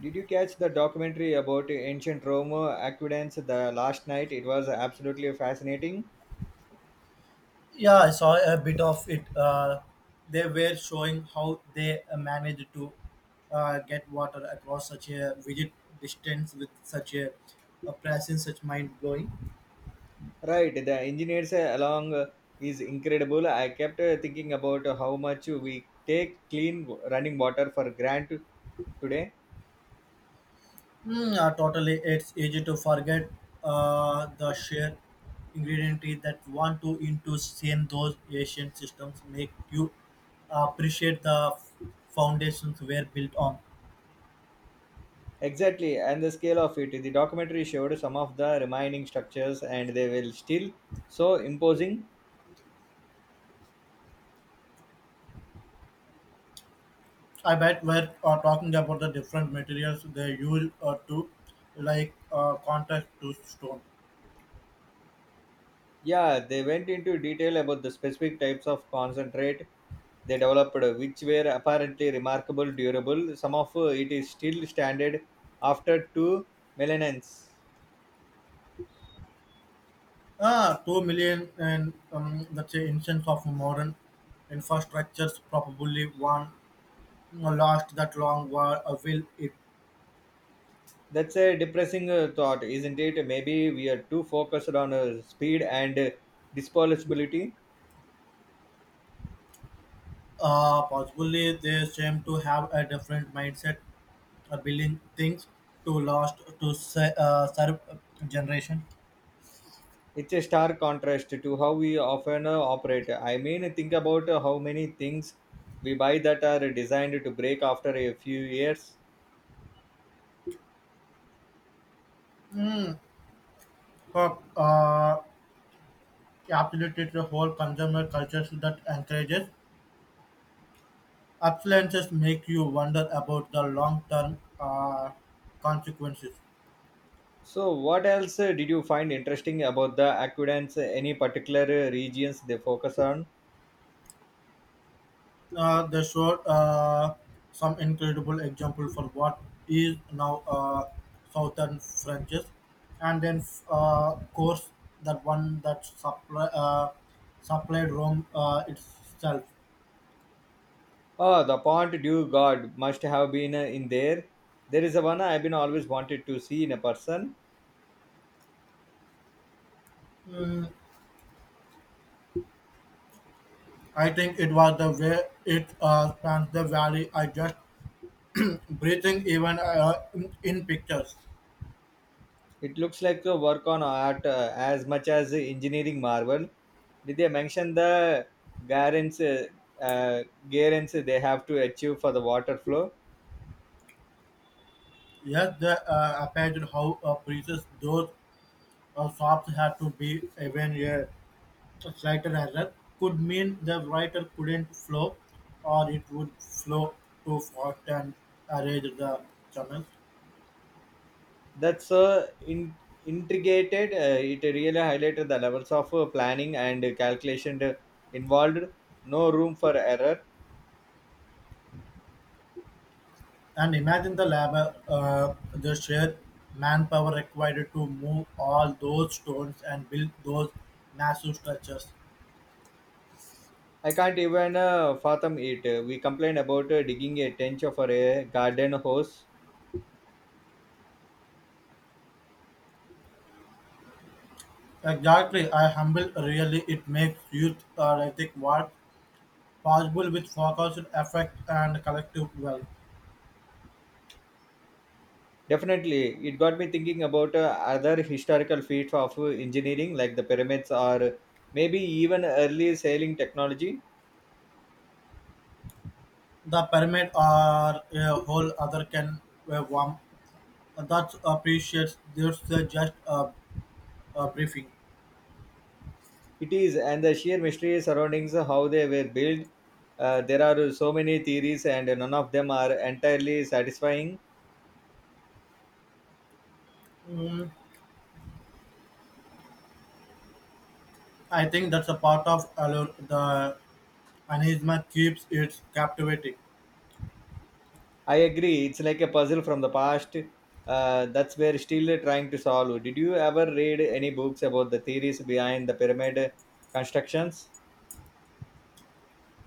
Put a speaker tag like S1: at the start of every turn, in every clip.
S1: Did you catch the documentary about ancient Rome aqueducts the last night? It was absolutely fascinating.
S2: Yeah, I saw a bit of it. They were showing how they managed to get water across such a rigid distance with a presence, such mind blowing.
S1: Right, the engineers along is incredible. I kept thinking about how much we take clean running water for granted today.
S2: Totally, it's easy to forget the sheer ingredient that want to into same those Asian systems make you appreciate the foundations were built on.
S1: Exactly, and the scale of it. The documentary showed some of the remaining structures, and they were still so imposing.
S2: I bet we're talking about the different materials they use to, like, contact to stone.
S1: Yeah, they went into detail about the specific types of concentrate they developed, which were apparently remarkable durable. Some of it is still standard after two millennia.
S2: Ah, 2 million and let's say instance of modern infrastructures probably one last that long while will it
S1: That's a depressing thought, isn't it? Maybe we are too focused on speed and disposability.
S2: possibly they seem to have a different mindset building things to last to serve generation.
S1: It's a stark contrast to how we often operate. I mean, think about how many things we buy that are designed to break after a few years.
S2: Mm. Uh, uh, Absolutely, the whole consumer culture that encourages Appliances make you wonder about the long-term consequences.
S1: So, what else did you find interesting about the aquidants? Any particular regions they focus on?
S2: They showed some incredible example for what is now southern Frenches, and then course that one that supplied Rome itself.
S1: Oh, the Pont du God must have been in there. There is a one I've been always wanted to see in a person.
S2: Mm, I think it was the way it spans the valley. I just breathing even in pictures.
S1: It looks like a work on art as much as a engineering marvel. Did they mention the guarantees uh, uh, guarantees they have to achieve for the water flow?
S2: Yes, they appreciated how precious those shops had to be. Even a slight error could mean the writer couldn't flow, or it would flow too fast and erase the channels.
S1: That's intricated. It really highlighted the levels of planning and calculation involved. No room for error.
S2: And imagine the labor, the sheer manpower required to move all those stones and build those massive structures.
S1: I can't even fathom it. We complained about digging a trench for a garden hose.
S2: Exactly, I humble really it makes youth ethic work possible with focused effect and collective will.
S1: Definitely, it got me thinking about other historical feats of engineering like the pyramids or maybe even early sailing technology.
S2: The pyramid or a whole other can warm. That appreciates this just a briefing.
S1: It is, and the sheer mystery surrounding how they were built. There are so many theories, and none of them are entirely satisfying.
S2: Mm, I think that's a part of allure. The anisma keeps its captivating.
S1: I agree. It's like a puzzle from the past. That's we're still trying to solve. Did you ever read any books about the theories behind the pyramid constructions?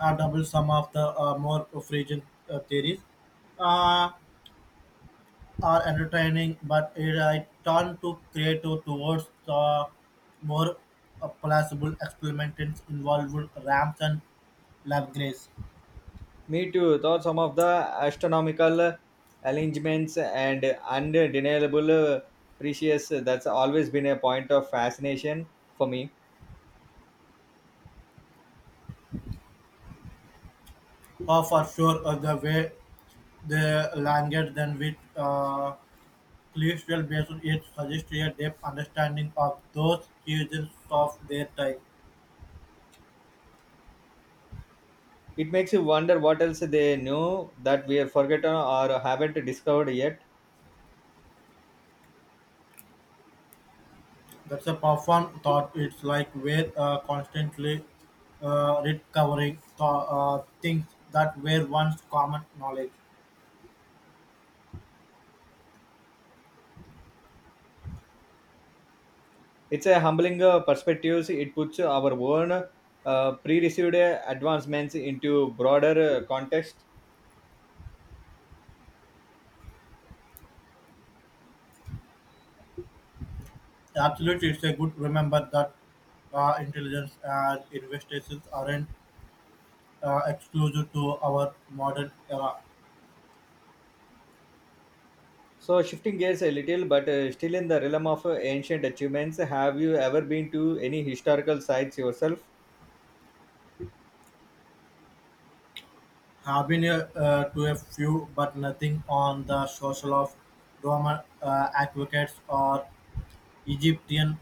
S2: I double some of the more Frisian theories. Uh, are entertaining, but it I turn to creative towards the more plausible experiments involved ramps and Labgrace.
S1: Me too. Thought some of the astronomical arrangements and undeniable precious. That's always been a point of fascination for me.
S2: Oh, for sure, the way the language then with celestial based it suggests a deep understanding of those seasons of their time.
S1: It makes you wonder what else they knew that we have forgotten or haven't discovered yet.
S2: That's a profound thought. It's like we're constantly recovering things that were once common knowledge.
S1: It's a humbling perspectives. It puts our own pre-received advancements into broader context.
S2: Absolutely, it's a good remember that intelligence and investigations aren't exclusive to our modern era.
S1: So shifting gears a little, but still in the realm of ancient achievements, have you ever been to any historical sites yourself?
S2: Have been to a few, but nothing on the social of Roman advocates or Egyptian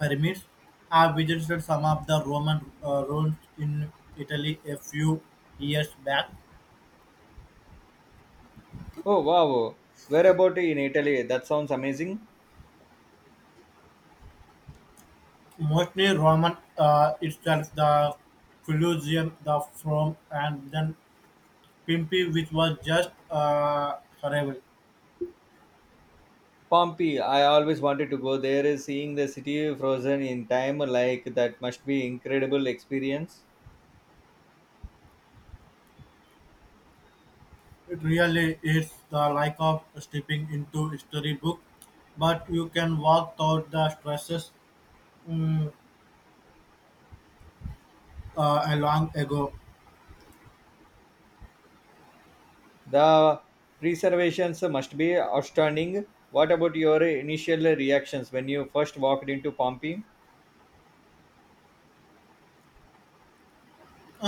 S2: pyramids. I visited some of the Roman ruins in Italy a few years back.
S1: Oh wow, where about in Italy? That sounds amazing.
S2: Mostly Roman itself, the Colosseum, the Forum, and then Pimpy, which was just horrible.
S1: Pompeii, I always wanted to go there. Seeing the city frozen in time like that must be incredible experience.
S2: It really is the like of stepping into a storybook, but you can walk through the stresses mm, a long ago.
S1: The preservations must be outstanding. What about your initial reactions when you first walked into Pompeii?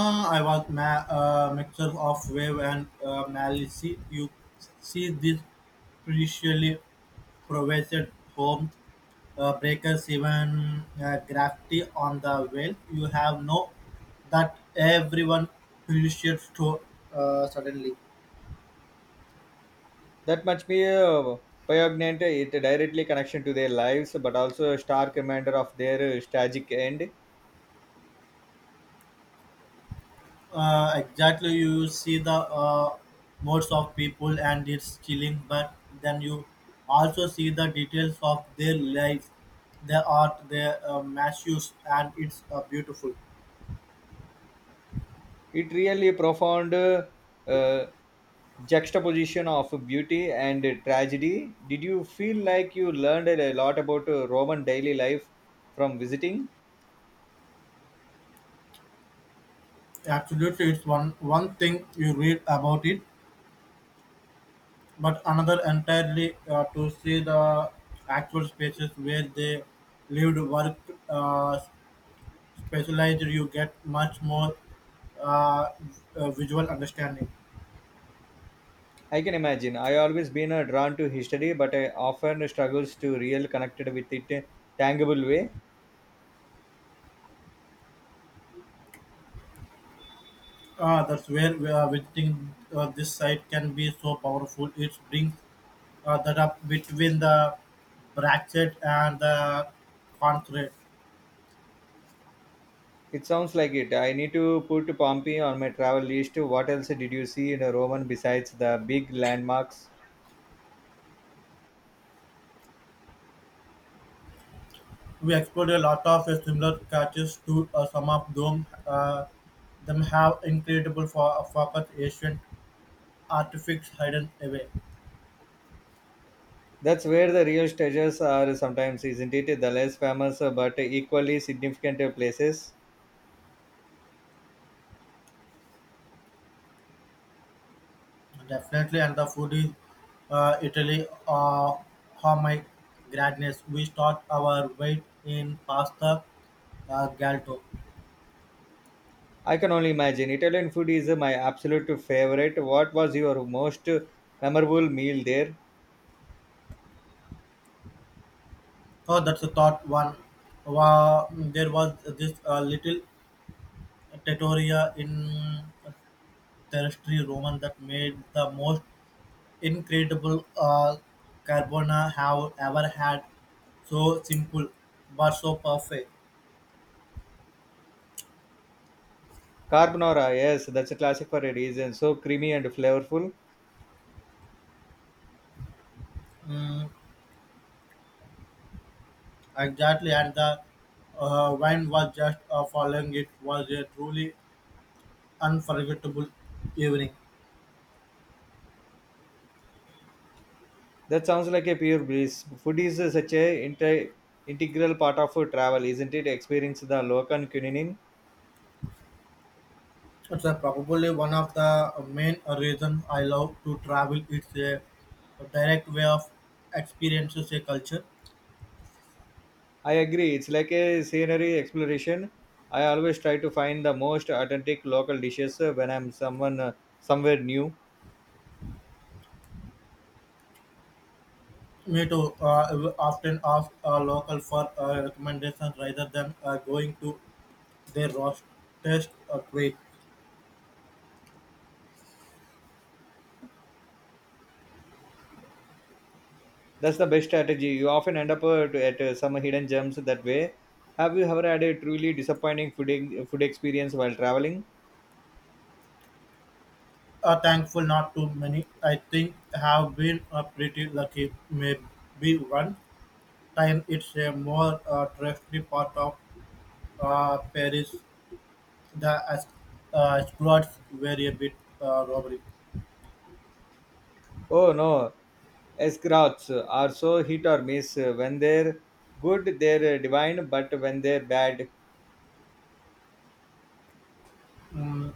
S2: I was ma- mixture of wave and malice. You see this previously provided home breakers, even graffiti on the wall. You have no that everyone appreciates to suddenly.
S1: That must be poignant. It directly connection to their lives, but also a stark reminder of their tragic end.
S2: Exactly, you see the modes of people and it's chilling but then you also see the details of their life, their art, their matches, and it's beautiful.
S1: It really profound uh, juxtaposition of beauty and tragedy. Did you feel like you learned a lot about Roman daily life from visiting?
S2: Absolutely, it's one thing you read about it but another entirely to see the actual spaces where they lived, worked, specialized. You get much more uh, visual understanding.
S1: I can imagine. I always been drawn to history, but I often struggles to real connected with it tangible way.
S2: Ah, that's where visiting this site can be so powerful. It brings that up between the bracket and the concrete.
S1: It sounds like it. I need to put Pompeii on my travel list. What else did you see in a Roman besides the big landmarks?
S2: We explored a lot of similar catches to some of them. Them have incredible for focus ancient artifacts hidden away.
S1: That's where the real treasures are sometimes, isn't it? The less famous but equally significant places.
S2: Definitely, and the food is Italy. How my gladness! We start our weight in pasta galto.
S1: I can only imagine. Italian food is my absolute favorite. What was your most memorable meal there?
S2: Oh, that's a thought one. Wow, there was this little trattoria in terrestrial Roman that made the most incredible carbona have ever had. So simple, but so perfect.
S1: Carbonara, yes, that's a classic for a reason. So creamy and flavorful.
S2: Mm, exactly, and the wine was just following. It was a truly unforgettable evening.
S1: That sounds like a pure breeze. Food is such a integral part of travel, isn't it? Experience the local cuisine.
S2: It's probably one of the main reasons I love to travel. It's a direct way of experiences a culture.
S1: I agree. It's like a scenery exploration. I always try to find the most authentic local dishes when I'm someone somewhere new.
S2: Me too. I will often ask a local for recommendations rather than going to their roast test place.
S1: That's the best strategy. You often end up at some hidden gems that way. Have you ever had a truly disappointing food experience while traveling?
S2: Thankful not too many. I think have been pretty lucky. Maybe one time it's a more trusty part of Paris. The Asgards were a bit robbery.
S1: Oh no, Escrows are so hit or miss. When they're good, they're divine, but when they're bad,
S2: Mm,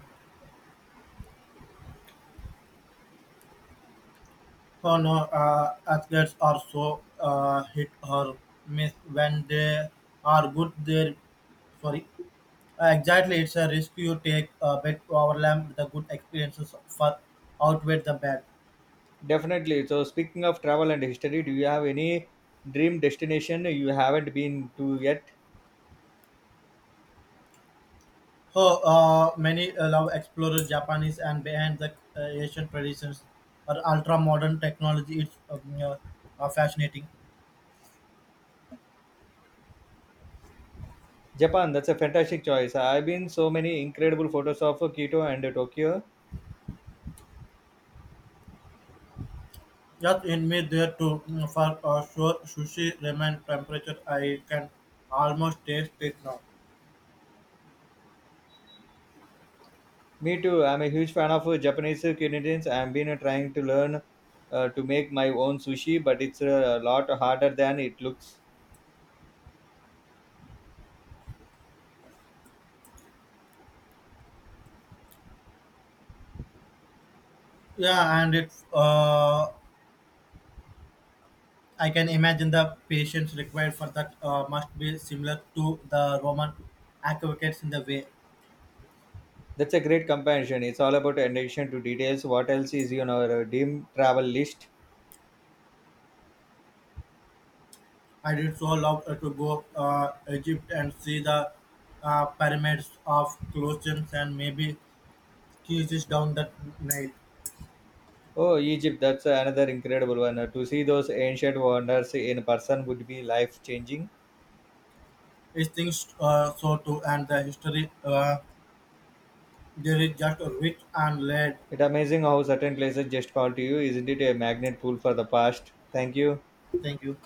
S2: oh no, Asgards are so hit or miss when they are good. They're sorry. Exactly, it's a risk you take, but overwhelm the good experiences for outweigh the bad.
S1: definitely. So, speaking of travel and history, do you have any dream destination you haven't been to yet?
S2: So many love explorers, Japanese, and behind the Asian traditions or ultra modern technology. It's fascinating.
S1: Japan, that's a fantastic choice. I've been so many incredible photos of Kyoto and Tokyo.
S2: Just me there too, for sure sushi ramen temperature. I can almost taste it now.
S1: Me too. I'm a huge fan of Japanese cuisines. I've been trying to learn to make my own sushi, but it's a lot harder than it looks.
S2: Yeah, and it I can imagine the patience required for that must be similar to the Roman aqueducts in the way.
S1: That's a great comparison. It's all about attention to details. What else is on our dim travel list?
S2: I did so love to go Egypt and see the pyramids of Colossians and maybe kisses down that Nile.
S1: Oh, Egypt. That's another incredible one. To see those ancient wonders in person would be life changing.
S2: It's things so too, and the history there is just rich and laid.
S1: It's amazing how certain places just call to you. Isn't it a magnet pull for the past? Thank you.
S2: Thank you.